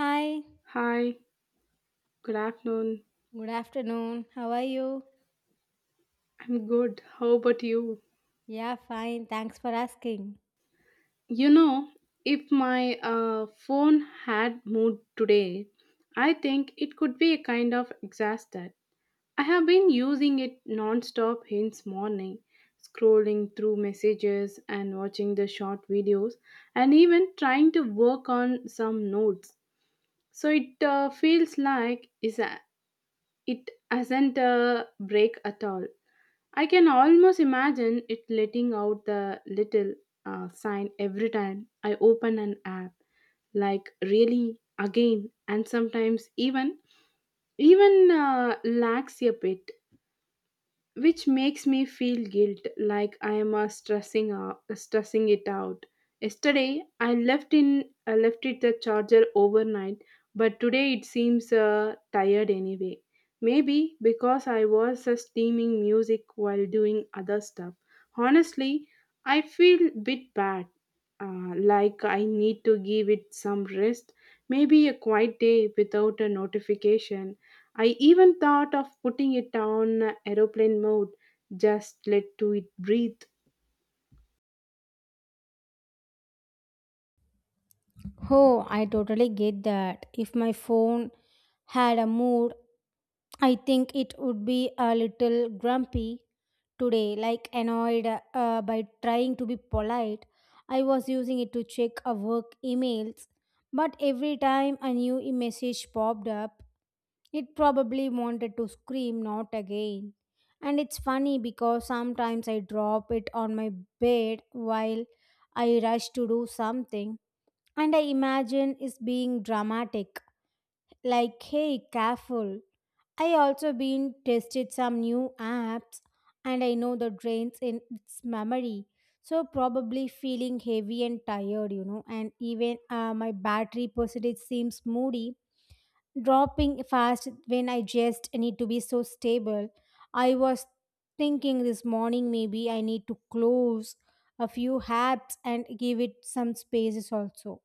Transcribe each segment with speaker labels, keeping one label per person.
Speaker 1: Hi,
Speaker 2: Hi, good afternoon.
Speaker 1: good afternoon. How are you?
Speaker 2: I'm good. How about you?
Speaker 1: Yeah, fine. Thanks for asking.
Speaker 2: You know, if my phone had mood today, I think it could be a kind of exhausted. I have been using it non-stop since morning, scrolling through messages and watching the short videos and even trying to work on some notes. So it feels like is a, it hasn't a break at all. I can almost imagine it letting out the little sign every time I open an app, like really again, and sometimes even lags a bit which makes me feel guilt like I am stressing out, stressing it out. Yesterday I left it the charger overnight, but today it seems tired anyway. Maybe because I was steaming music while doing other stuff. Honestly, I feel bit bad. Like I need to give it some rest, maybe a quiet day without a notification. I even thought of putting it on aeroplane mode, just let to it breathe.
Speaker 1: Oh, I totally get that. If my phone had a mood, I think it would be a little grumpy today, like annoyed by trying to be polite. I was using it to check a work emails, but every time a new message popped up, it probably wanted to scream, not again. And it's funny because sometimes I drop it on my bed while I rush to do something, and I imagine it's being dramatic, like, hey, careful. I also been tested some new apps and I know the drains in its memory. So probably feeling heavy and tired, and even my battery percentage seems moody, dropping fast when I just need to be so stable. I was thinking this morning maybe I need to close a few apps and give it some spaces also.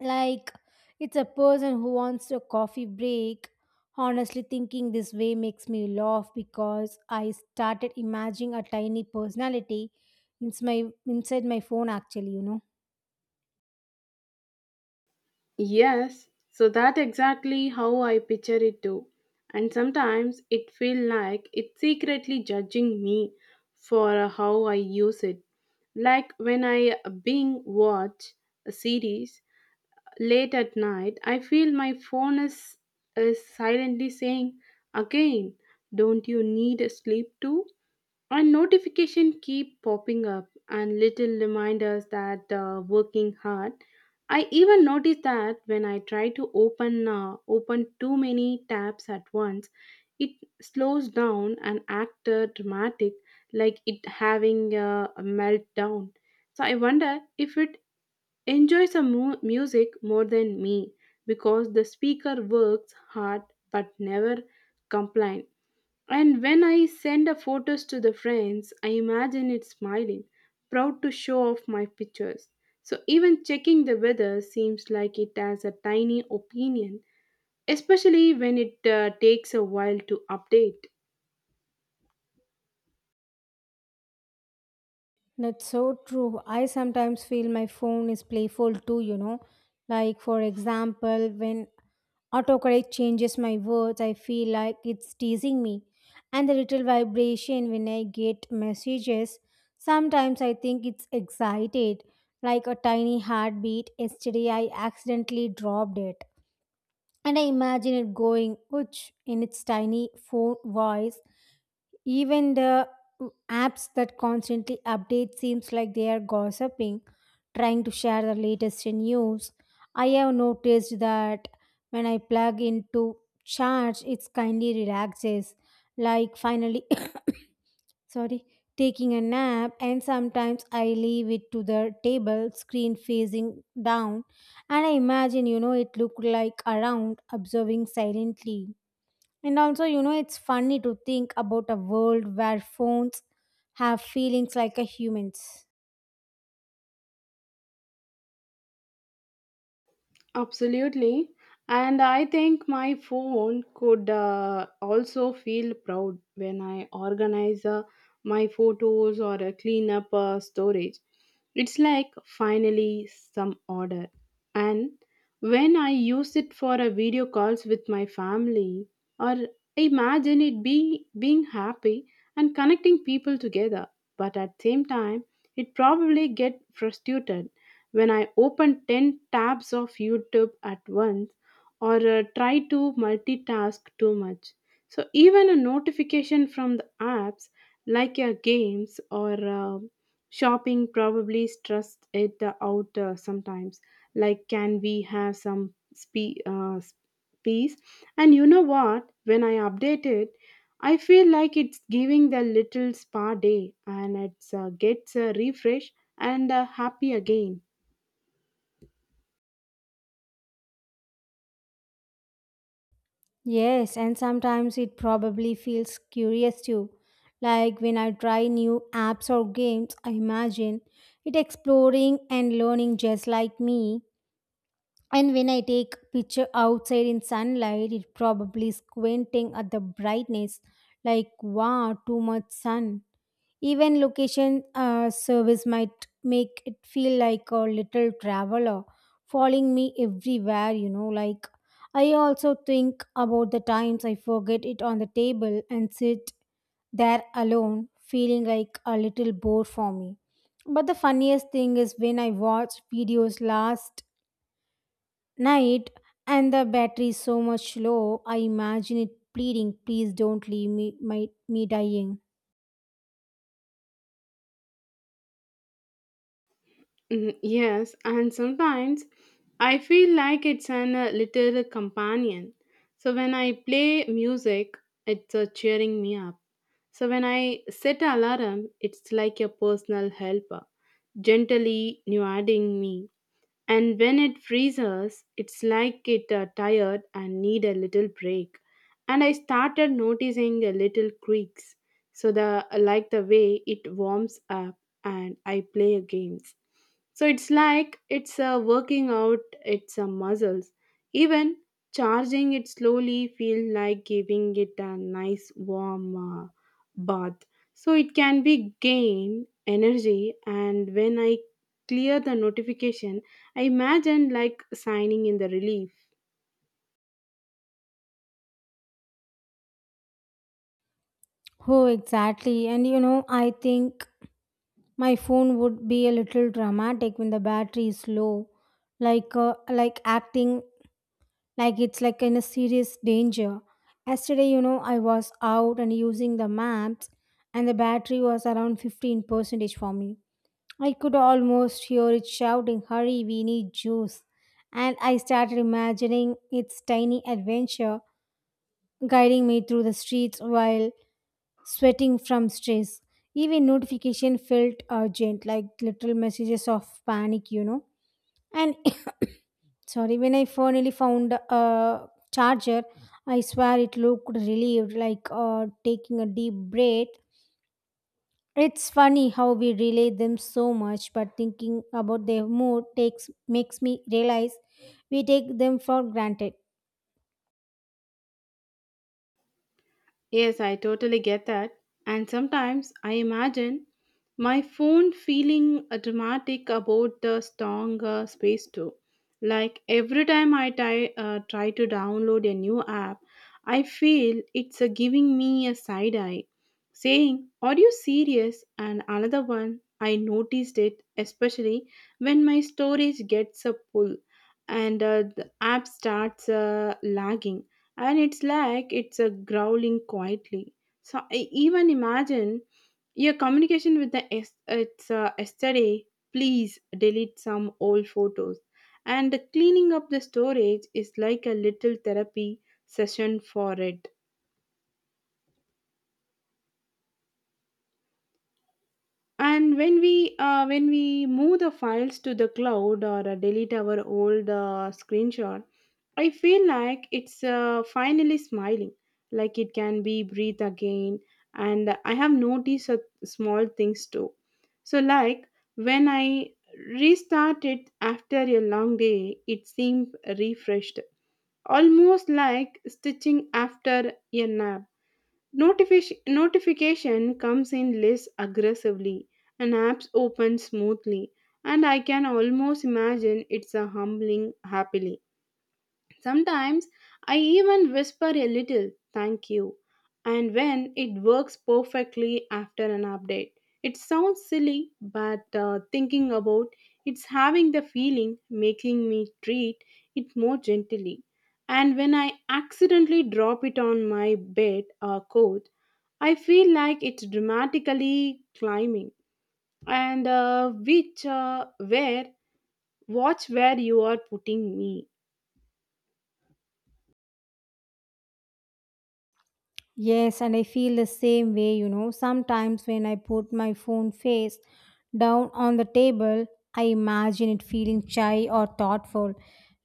Speaker 1: Like, it's a person who wants a coffee break. Honestly, thinking this way makes me laugh because I started imagining a tiny personality inside my phone, actually.
Speaker 2: Yes, so that exactly how I picture it too. And sometimes it feel like it's secretly judging me for how I use it. Like when I being watch a series late at night, I feel my phone is silently saying again, don't you need sleep too? And notification keep popping up and little reminders that working hard. I even notice that when I try to open too many tabs at once, it slows down and act dramatic, like it having a meltdown. So I wonder if it enjoys a music more than me because the speaker works hard but never complains. And when I send a photos to the friends, I imagine it smiling, proud to show off my pictures. So even checking the weather seems like it has a tiny opinion, especially when it takes a while to update.
Speaker 1: That's so true. I sometimes feel my phone is playful too. Like, for example, when autocorrect changes my words. I feel like it's teasing me. And the little vibration when I get messages, sometimes I think it's excited, like a tiny heartbeat. Yesterday, I accidentally dropped it. And I imagine it going, ouch, in its tiny phone voice. Even the apps that constantly update seems like they are gossiping, trying to share the latest news. I have noticed that when I plug into charge, it's kindly relaxes, like finally, sorry, taking a nap. And sometimes I leave it to the table, screen facing down, and I imagine it looked like around observing silently. And also, it's funny to think about a world where phones have feelings like a humans.
Speaker 2: Absolutely. And I think my phone could also feel proud when I organize my photos or clean up storage. It's like finally some order. And when I use it for a video calls with my family, or imagine it be being happy and connecting people together. But at same time, it probably get frustrated when I open 10 tabs of YouTube at once or try to multitask too much. So, even a notification from the apps like your games or shopping probably stress it out sometimes. Like, can we have some peace? And you know what? When I update it, I feel like it's giving the little spa day and it's gets a refresh and happy again.
Speaker 1: Yes, and sometimes it probably feels curious too. Like when I try new apps or games, I imagine it exploring and learning just like me. And when I take picture outside in sunlight, it probably squinting at the brightness, like, wow, too much sun. Even location service might make it feel like a little traveler following me everywhere. Like, I also think about the times I forget it on the table and sit there alone, feeling like a little bore for me. But the funniest thing is when I watch videos last night and the battery is so much low, I imagine it pleading, please don't leave me, me dying.
Speaker 2: Mm, yes, and sometimes I feel like it's an little companion. So when I play music, it's cheering me up. So when I set alarm, it's like a personal helper, gently nudging me. And when it freezes, it's like it tired and need a little break. And I started noticing a little creaks, so the like the way it warms up, and I play games. So it's like it's working out its muscles. Even charging it slowly feels like giving it a nice warm bath. So it can be gain energy, and when I clear the notification, I imagine like signing in the relief.
Speaker 1: Oh, exactly, and I think my phone would be a little dramatic when the battery is low, like acting like it's like in a serious danger. Yesterday, I was out and using the maps, and the battery was around 15 percentage for me. I could almost hear it shouting, hurry, we need juice. And I started imagining its tiny adventure guiding me through the streets while sweating from stress. Even notification felt urgent, like little messages of panic. And sorry, when I finally found a charger, I swear it looked relieved, like taking a deep breath. It's funny how we relay them so much, but thinking about their mood takes makes me realize we take them for granted.
Speaker 2: Yes, I totally get that. And sometimes I imagine my phone feeling dramatic about the strong space too. Like every time I try to download a new app, I feel it's giving me a side eye saying, are you serious? And another one, I noticed it especially when my storage gets a pull and the app starts lagging and it's like it's a growling quietly. So I even imagine your communication with the it's yesterday. Please delete some old photos, and cleaning up the storage is like a little therapy session for it. And when we move the files to the cloud or delete our old screenshot, I feel like it's finally smiling, like it can be breathe again. And I have noticed a small things too. So, like when I restarted after a long day, it seemed refreshed, almost like stitching after a nap. Notification comes in less aggressively, and apps open smoothly, and I can almost imagine it's a humbling happily. Sometimes I even whisper a little thank you, and when it works perfectly after an update. It sounds silly, but thinking about it's having the feeling making me treat it more gently. And when I accidentally drop it on my bed or coat, I feel like it's dramatically climbing. And which where watch where you are putting me.
Speaker 1: Yes, and I feel the same way. Sometimes when I put my phone face down on the table, I imagine it feeling shy or thoughtful,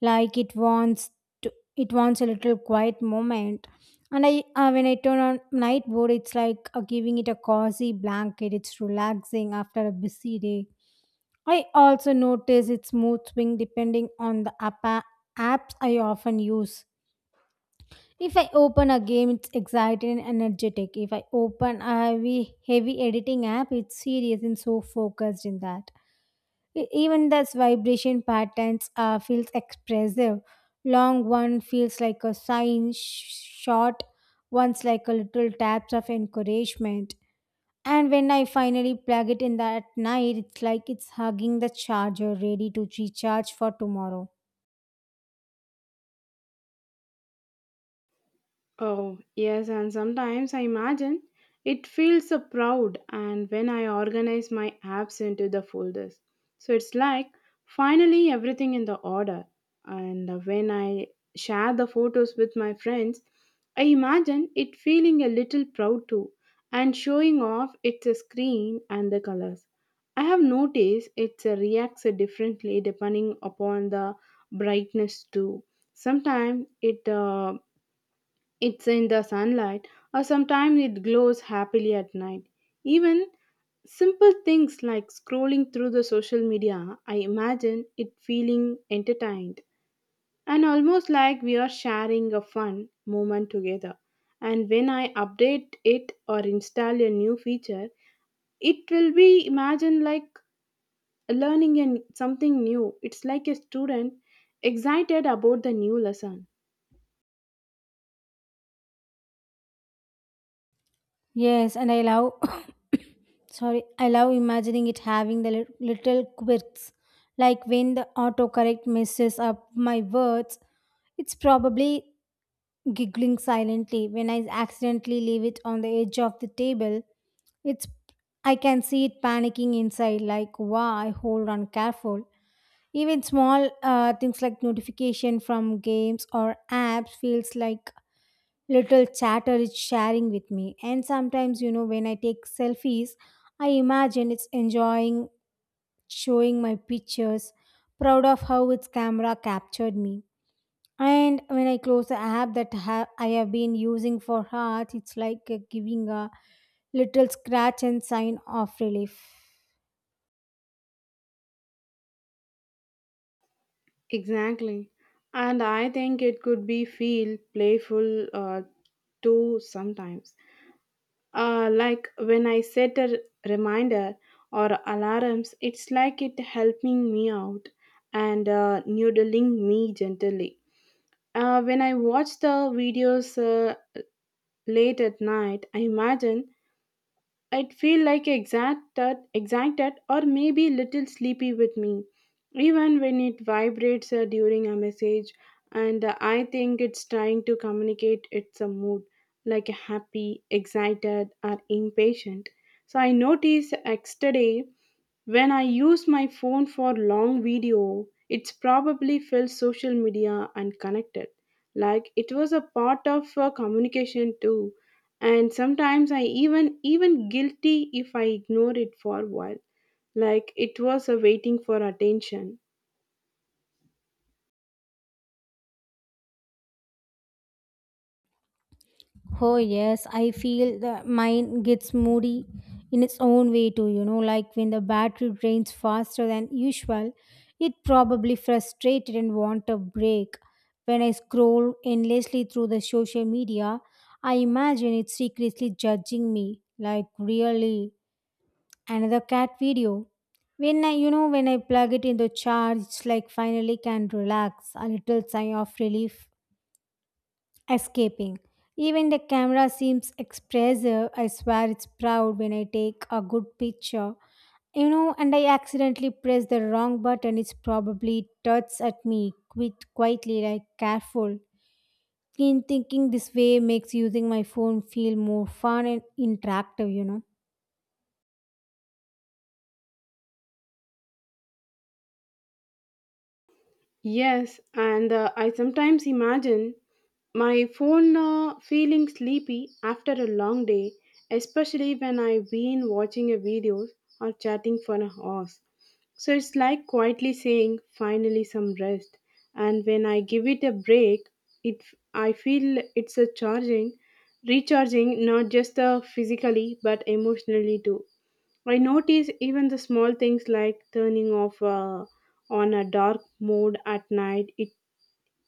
Speaker 1: like to, it wants a little quiet moment. And when I turn on night mode, it's like giving it a cozy blanket. It's relaxing after a busy day. I also notice its mood swing depending on the apps I often use. If I open a game, it's exciting and energetic. If I open a heavy, heavy editing app, it's serious and so focused in that. Even thus, vibration patterns feels expressive. Long one feels like a sign, short one's like a little taps of encouragement. And when I finally plug it in that night, it's like it's hugging the charger, ready to recharge for tomorrow.
Speaker 2: Oh, yes, and sometimes I imagine it feels so proud and when I organize my apps into the folders. So it's like finally everything in the order. And when I share the photos with my friends, I imagine it feeling a little proud too and showing off its screen and the colors. I have noticed it reacts differently depending upon the brightness too. Sometimes it it's in the sunlight, or sometimes it glows happily at night. Even simple things like scrolling through the social media, I imagine it feeling entertained and almost like we are sharing a fun moment together. And when I update it or install a new feature, it will be imagined like learning something new. It's like a student excited about the new lesson.
Speaker 1: Yes, and I love, sorry, I love imagining it having the little quirks. Like when the autocorrect messes up my words, it's probably giggling silently. When I accidentally leave it on the edge of the table, it's I can see it panicking inside, like, wow, I hold on careful. Even small things like notification from games or apps feels like little chatter is sharing with me. And sometimes, when I take selfies, I imagine it's enjoying showing my pictures, proud of how its camera captured me. And when I close the app that I have been using for heart, it's like giving a little scratch and sign of relief.
Speaker 2: Exactly. And I think it could be feel playful too sometimes. Like when I set a reminder or alarms, it's like it helping me out and noodling me gently. When I watch the videos late at night, I imagine I'd feel like excited or maybe little sleepy with me, even when it vibrates during a message. And I think it's trying to communicate its a mood, like happy, excited, or impatient. So I noticed yesterday when I use my phone for long video, it's probably felt social media and connected. Like it was a part of communication too. And sometimes I even guilty if I ignore it for a while. Like it was a waiting for attention.
Speaker 1: Oh, yes, I feel the mind gets moody in its own way too, like when the battery drains faster than usual, it probably frustrated and want a break. When I scroll endlessly through the social media, I imagine it secretly judging me, like really another cat video. When I plug it into charge, it's like finally can relax, a little sigh of relief escaping. Even the camera seems expressive. I swear it's proud when I take a good picture. And I accidentally press the wrong button. It's probably tuts at me quit quietly, like careful. In thinking this way makes using my phone feel more fun and interactive.
Speaker 2: Yes, and I sometimes imagine my phone feeling sleepy after a long day, especially when I've been watching a video or chatting for hours. So it's like quietly saying, finally some rest. And when I give it a break, it I feel it's a charging, recharging not just physically but emotionally too. I notice even the small things like turning off on a dark mode at night. It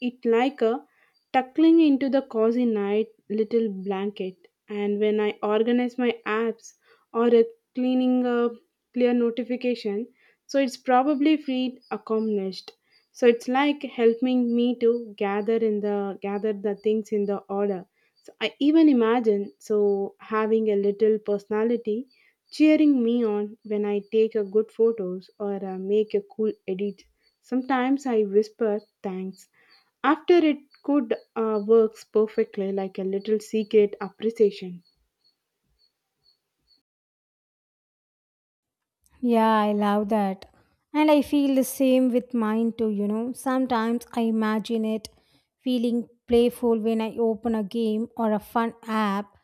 Speaker 2: it like a tuckling into the cozy night little blanket, and when I organize my apps or a cleaning a clear notification, so it's probably feel accomplished. So it's like helping me to gather the things in the order. So I even imagine so having a little personality cheering me on when I take a good photos or make a cool edit. Sometimes I whisper thanks after it could works perfectly, like a little secret appreciation.
Speaker 1: Yeah, I love that. And I feel the same with mine too. Sometimes I imagine it feeling playful when I open a game or a fun app.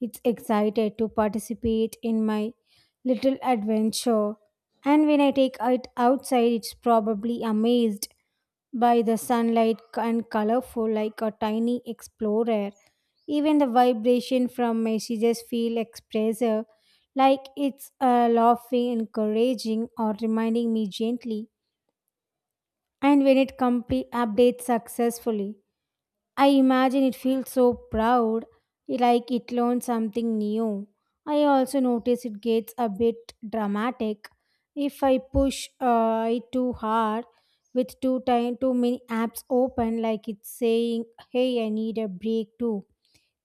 Speaker 1: It's excited to participate in my little adventure. And when I take it outside, it's probably amazed by the sunlight and colorful like a tiny explorer. Even the vibration from messages feel expressive, like it's laughing, encouraging, or reminding me gently. And when it complete updates successfully, I imagine it feels so proud, like it learned something new. I also notice it gets a bit dramatic if I push it too hard with too many apps open, like it's saying, "Hey, I need a break too."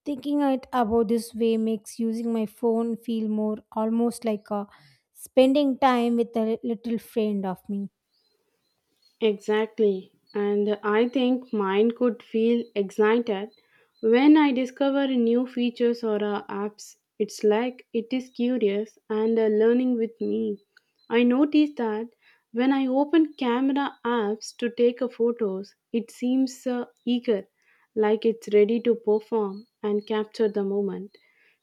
Speaker 1: Thinking it about this way makes using my phone feel more almost like a spending time with a little friend of me.
Speaker 2: Exactly. And I think mine could feel excited when I discover new features or apps. It's like it is curious and learning with me. I noticed that when I open camera apps to take a photos, it seems eager, like it's ready to perform and capture the moment.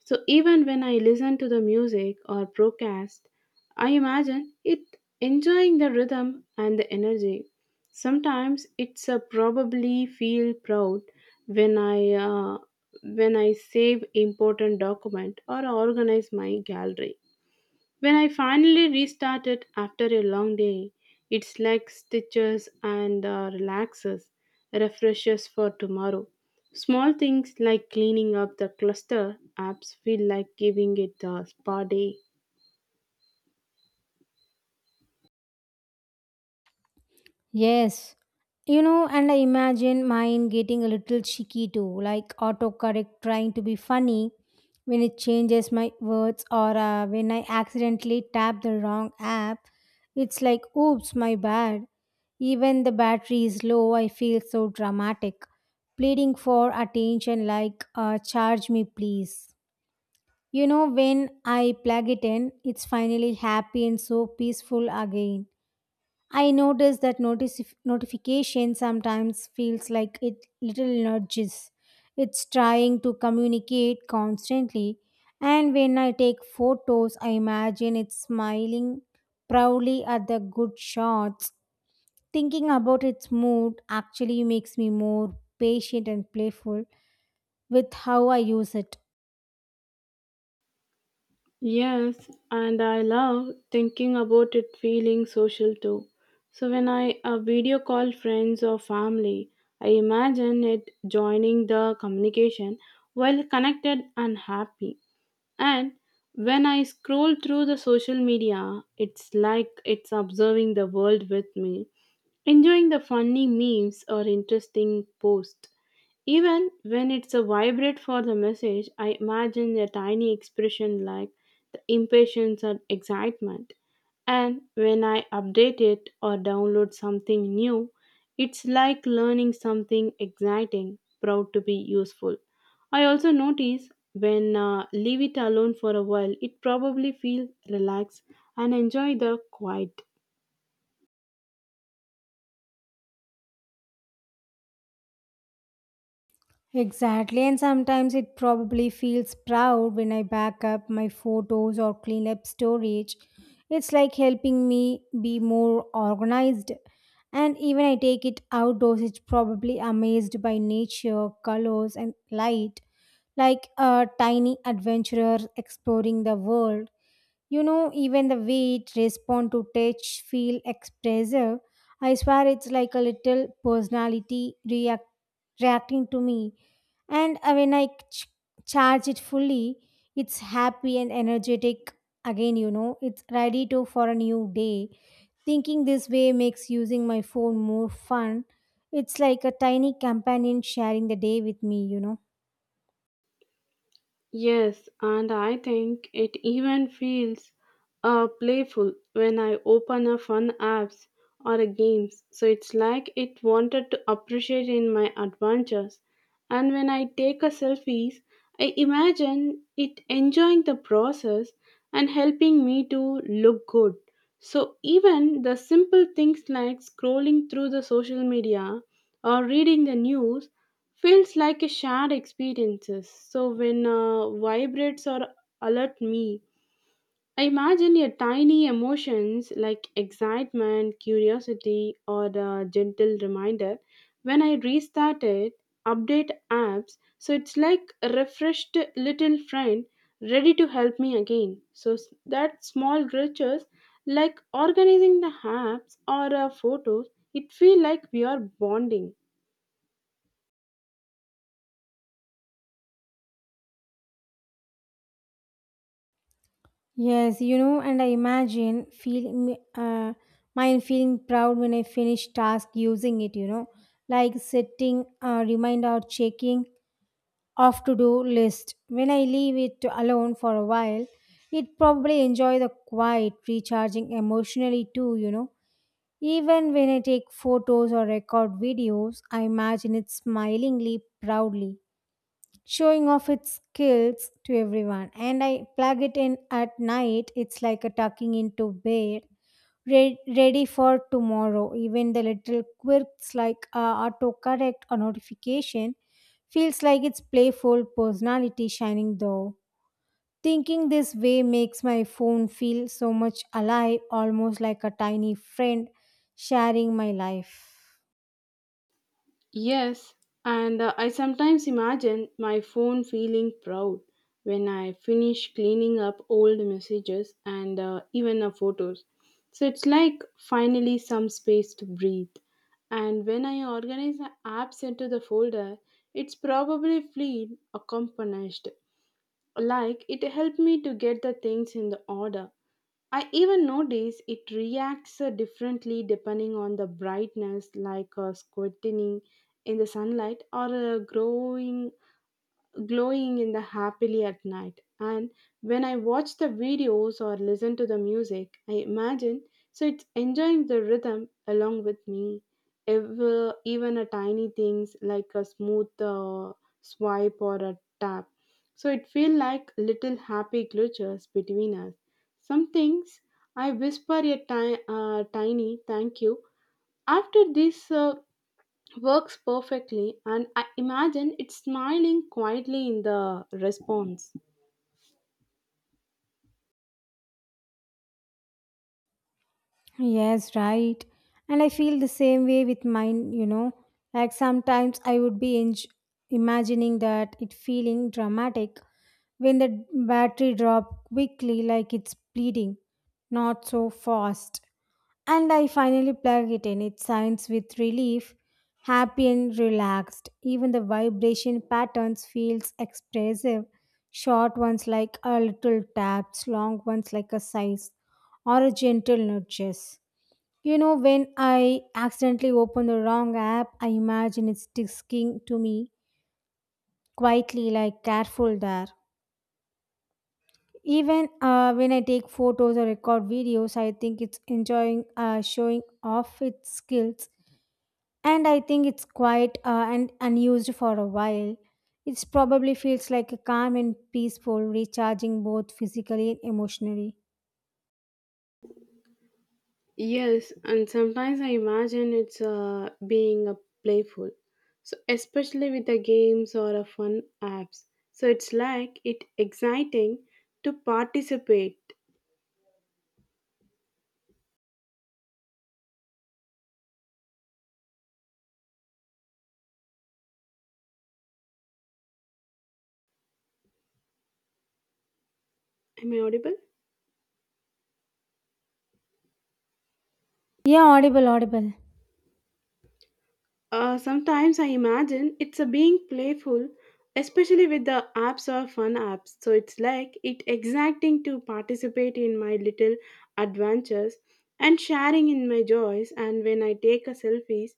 Speaker 2: So even when I listen to the music or broadcast, I imagine it enjoying the rhythm and the energy. Sometimes it's a probably feel proud when I uh, when I save important document or organize my gallery. When I finally restart it after a long day, it's like stitches and relaxes, refreshes for tomorrow. Small things like cleaning up the cluster apps feel like giving it a spa day.
Speaker 1: Yes. And I imagine mine getting a little cheeky too, like autocorrect trying to be funny when it changes my words or when I accidentally tap the wrong app. It's like, oops, my bad. Even the battery is low, I feel so dramatic, pleading for attention like, charge me, please. When I plug it in, it's finally happy and so peaceful again. I notice notification sometimes feels like it little nudges. It's trying to communicate constantly, and when I take photos, I imagine it smiling proudly at the good shots. Thinking about its mood actually makes me more patient and playful with how I use it.
Speaker 2: Yes, and I love thinking about it feeling social too. So when I video call friends or family, I imagine it joining the communication while connected and happy. And when I scroll through the social media, it's like it's observing the world with me, enjoying the funny memes or interesting posts. Even when it's a vibrate for the message, I imagine a tiny expression like the impatience or excitement. And when I update it or download something new, it's like learning something exciting, proud to be useful. I also notice when leave it alone for a while, it probably feels relaxed and enjoy the quiet.
Speaker 1: Exactly, and sometimes it probably feels proud when I back up my photos or clean up storage. It's like helping me be more organized. And even I take it outdoors, it's probably amazed by nature, colors, and light, like a tiny adventurer exploring the world. You know, even the way it responds to touch, feel expressive. I swear it's like a little personality reacting to me and when I charge it fully, it's happy and energetic again, it's ready to for a new day. Thinking this way makes using my phone more fun. It's like a tiny companion sharing the day with me.
Speaker 2: Yes, and I think it even feels playful when I open a fun apps or a games. So it's like it wanted to appreciate in my adventures. And when I take a selfies, I imagine it enjoying the process and helping me to look good. So even the simple things like scrolling through the social media or reading the news feels like a shared experiences. So when vibrates or alert me, I imagine your tiny emotions like excitement, curiosity, or a gentle reminder. When I restarted update apps, so it's like a refreshed little friend ready to help me again. So that small gestures like organizing the apps or photos, it feel like we are bonding.
Speaker 1: Yes, and I imagine feeling mine feeling proud when I finish task using it, like setting a reminder or checking of to do list. When I leave it alone for a while, it probably enjoy the quiet, recharging emotionally too. Even when I take photos or record videos, I imagine it smilingly proudly showing off its skills to everyone. And I plug it in at night, it's like a tucking into bed, ready for tomorrow. Even the little quirks like autocorrect or notification feels like its playful personality shining though. Thinking this way makes my phone feel so much alive, almost like a tiny friend sharing my life.
Speaker 2: Yes, and I sometimes imagine my phone feeling proud when I finish cleaning up old messages and even photos. So it's like finally some space to breathe. And when I organize the apps into the folder, it's probably feel accomplished. Like it helped me to get the things in the order. I even notice it reacts differently depending on the brightness, like a squinting in the sunlight or a growing glowing in the happily at night. And when I watch the videos or listen to the music, I imagine so it's enjoying the rhythm along with me. Even a tiny things like a smooth swipe or a tap, so it feel like little happy glitches between us. Some things I whisper a tiny thank you after this works perfectly, and I imagine it smiling quietly in the response.
Speaker 1: Yes, right. And I feel the same way with mine. Like sometimes I would be enj imagining that it feeling dramatic when the battery drop quickly like it's bleeding, not so fast. And I finally plug it in. It sounds with relief, happy and relaxed. Even the vibration patterns feels expressive. Short ones like a little taps, long ones like a sighs or a gentle nudges. When I accidentally open the wrong app, I imagine it's sticking to me quietly, like careful there. Even when I take photos or record videos, I think it's enjoying showing off its skills, and I think it's quiet and unused for a while. It probably feels like a calm and peaceful, recharging both physically and emotionally.
Speaker 2: Yes, and sometimes I imagine it's being a playful. So especially with the games or a fun apps. So it's like it exciting to participate. Am I audible?
Speaker 1: Yeah, audible, audible.
Speaker 2: Sometimes I imagine it's a being playful, especially with the apps or fun apps. So it's like it exacting to participate in my little adventures and sharing in my joys. And when I take a selfies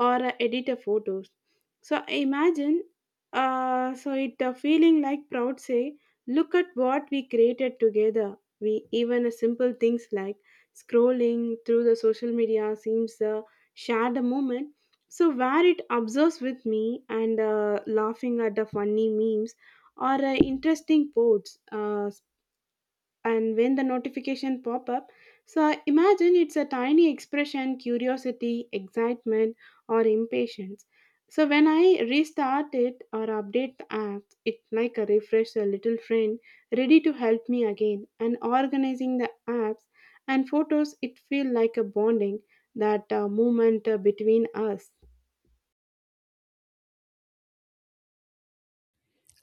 Speaker 2: or edit a photos, so I imagine. So it feeling like proud say, look at what we created together. We even simple things like scrolling through the social media seems shared a moment, so where it observes with me and laughing at the funny memes or interesting quotes, and when the notification pop up, so imagine it's a tiny expression, curiosity, excitement, or impatience. So when I restart it or update the app, it like a refresh, a little friend ready to help me again. And organizing the apps and photos, it feel like a bonding that movement between us.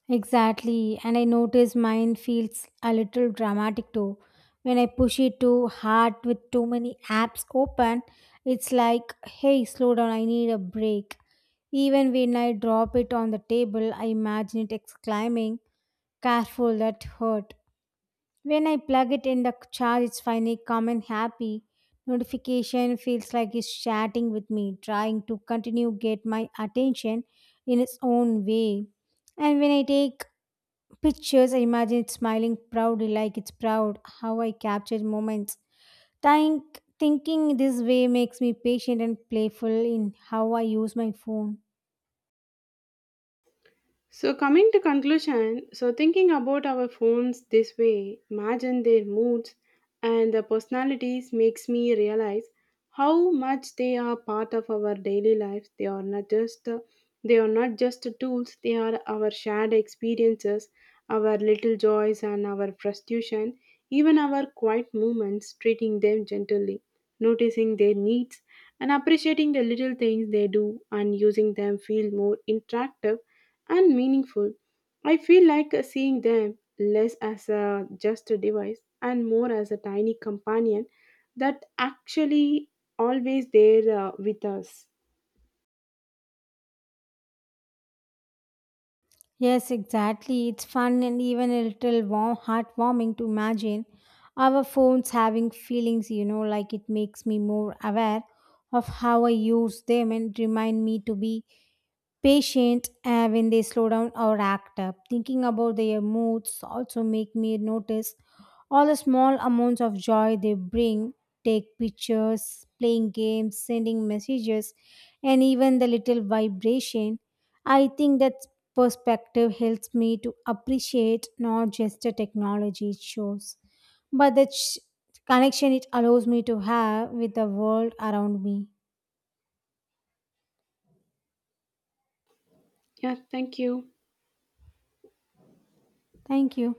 Speaker 1: Exactly, and I notice mine feels a little dramatic too. When I push it too hard with too many apps open, it's like, hey, slow down, I need a break. Even when I drop it on the table, I imagine it exclaiming, careful, that hurt. When I plug it in the charge, it's finally calm and happy. Notification feels like it's chatting with me, trying to continue get my attention in its own way. And when I take pictures, I imagine it smiling proudly like it's proud how I captured moments. Thinking this way makes me patient and playful in how I use my phone.
Speaker 2: So, coming to conclusion, so thinking about our phones this way, imagine their moods and their personalities makes me realize how much they are part of our daily lives. They are not just tools. They are our shared experiences, our little joys and our frustration, even our quiet moments. Treating them gently, noticing their needs, and appreciating the little things they do, and using them feel more interactive and meaningful. I feel like seeing them less as a, just a device and more as a tiny companion that actually always there with us.
Speaker 1: Yes, exactly. It's fun and even a little warm, heartwarming to imagine our phones having feelings, like it makes me more aware of how I use them and remind me to be patient when they slow down or act up. Thinking about their moods also make me notice all the small amounts of joy they bring. Take pictures, playing games, sending messages, and even the little vibration. I think that perspective helps me to appreciate not just the technology it shows, but the connection it allows me to have with the world around me.
Speaker 2: Yeah, thank you.
Speaker 1: Thank you.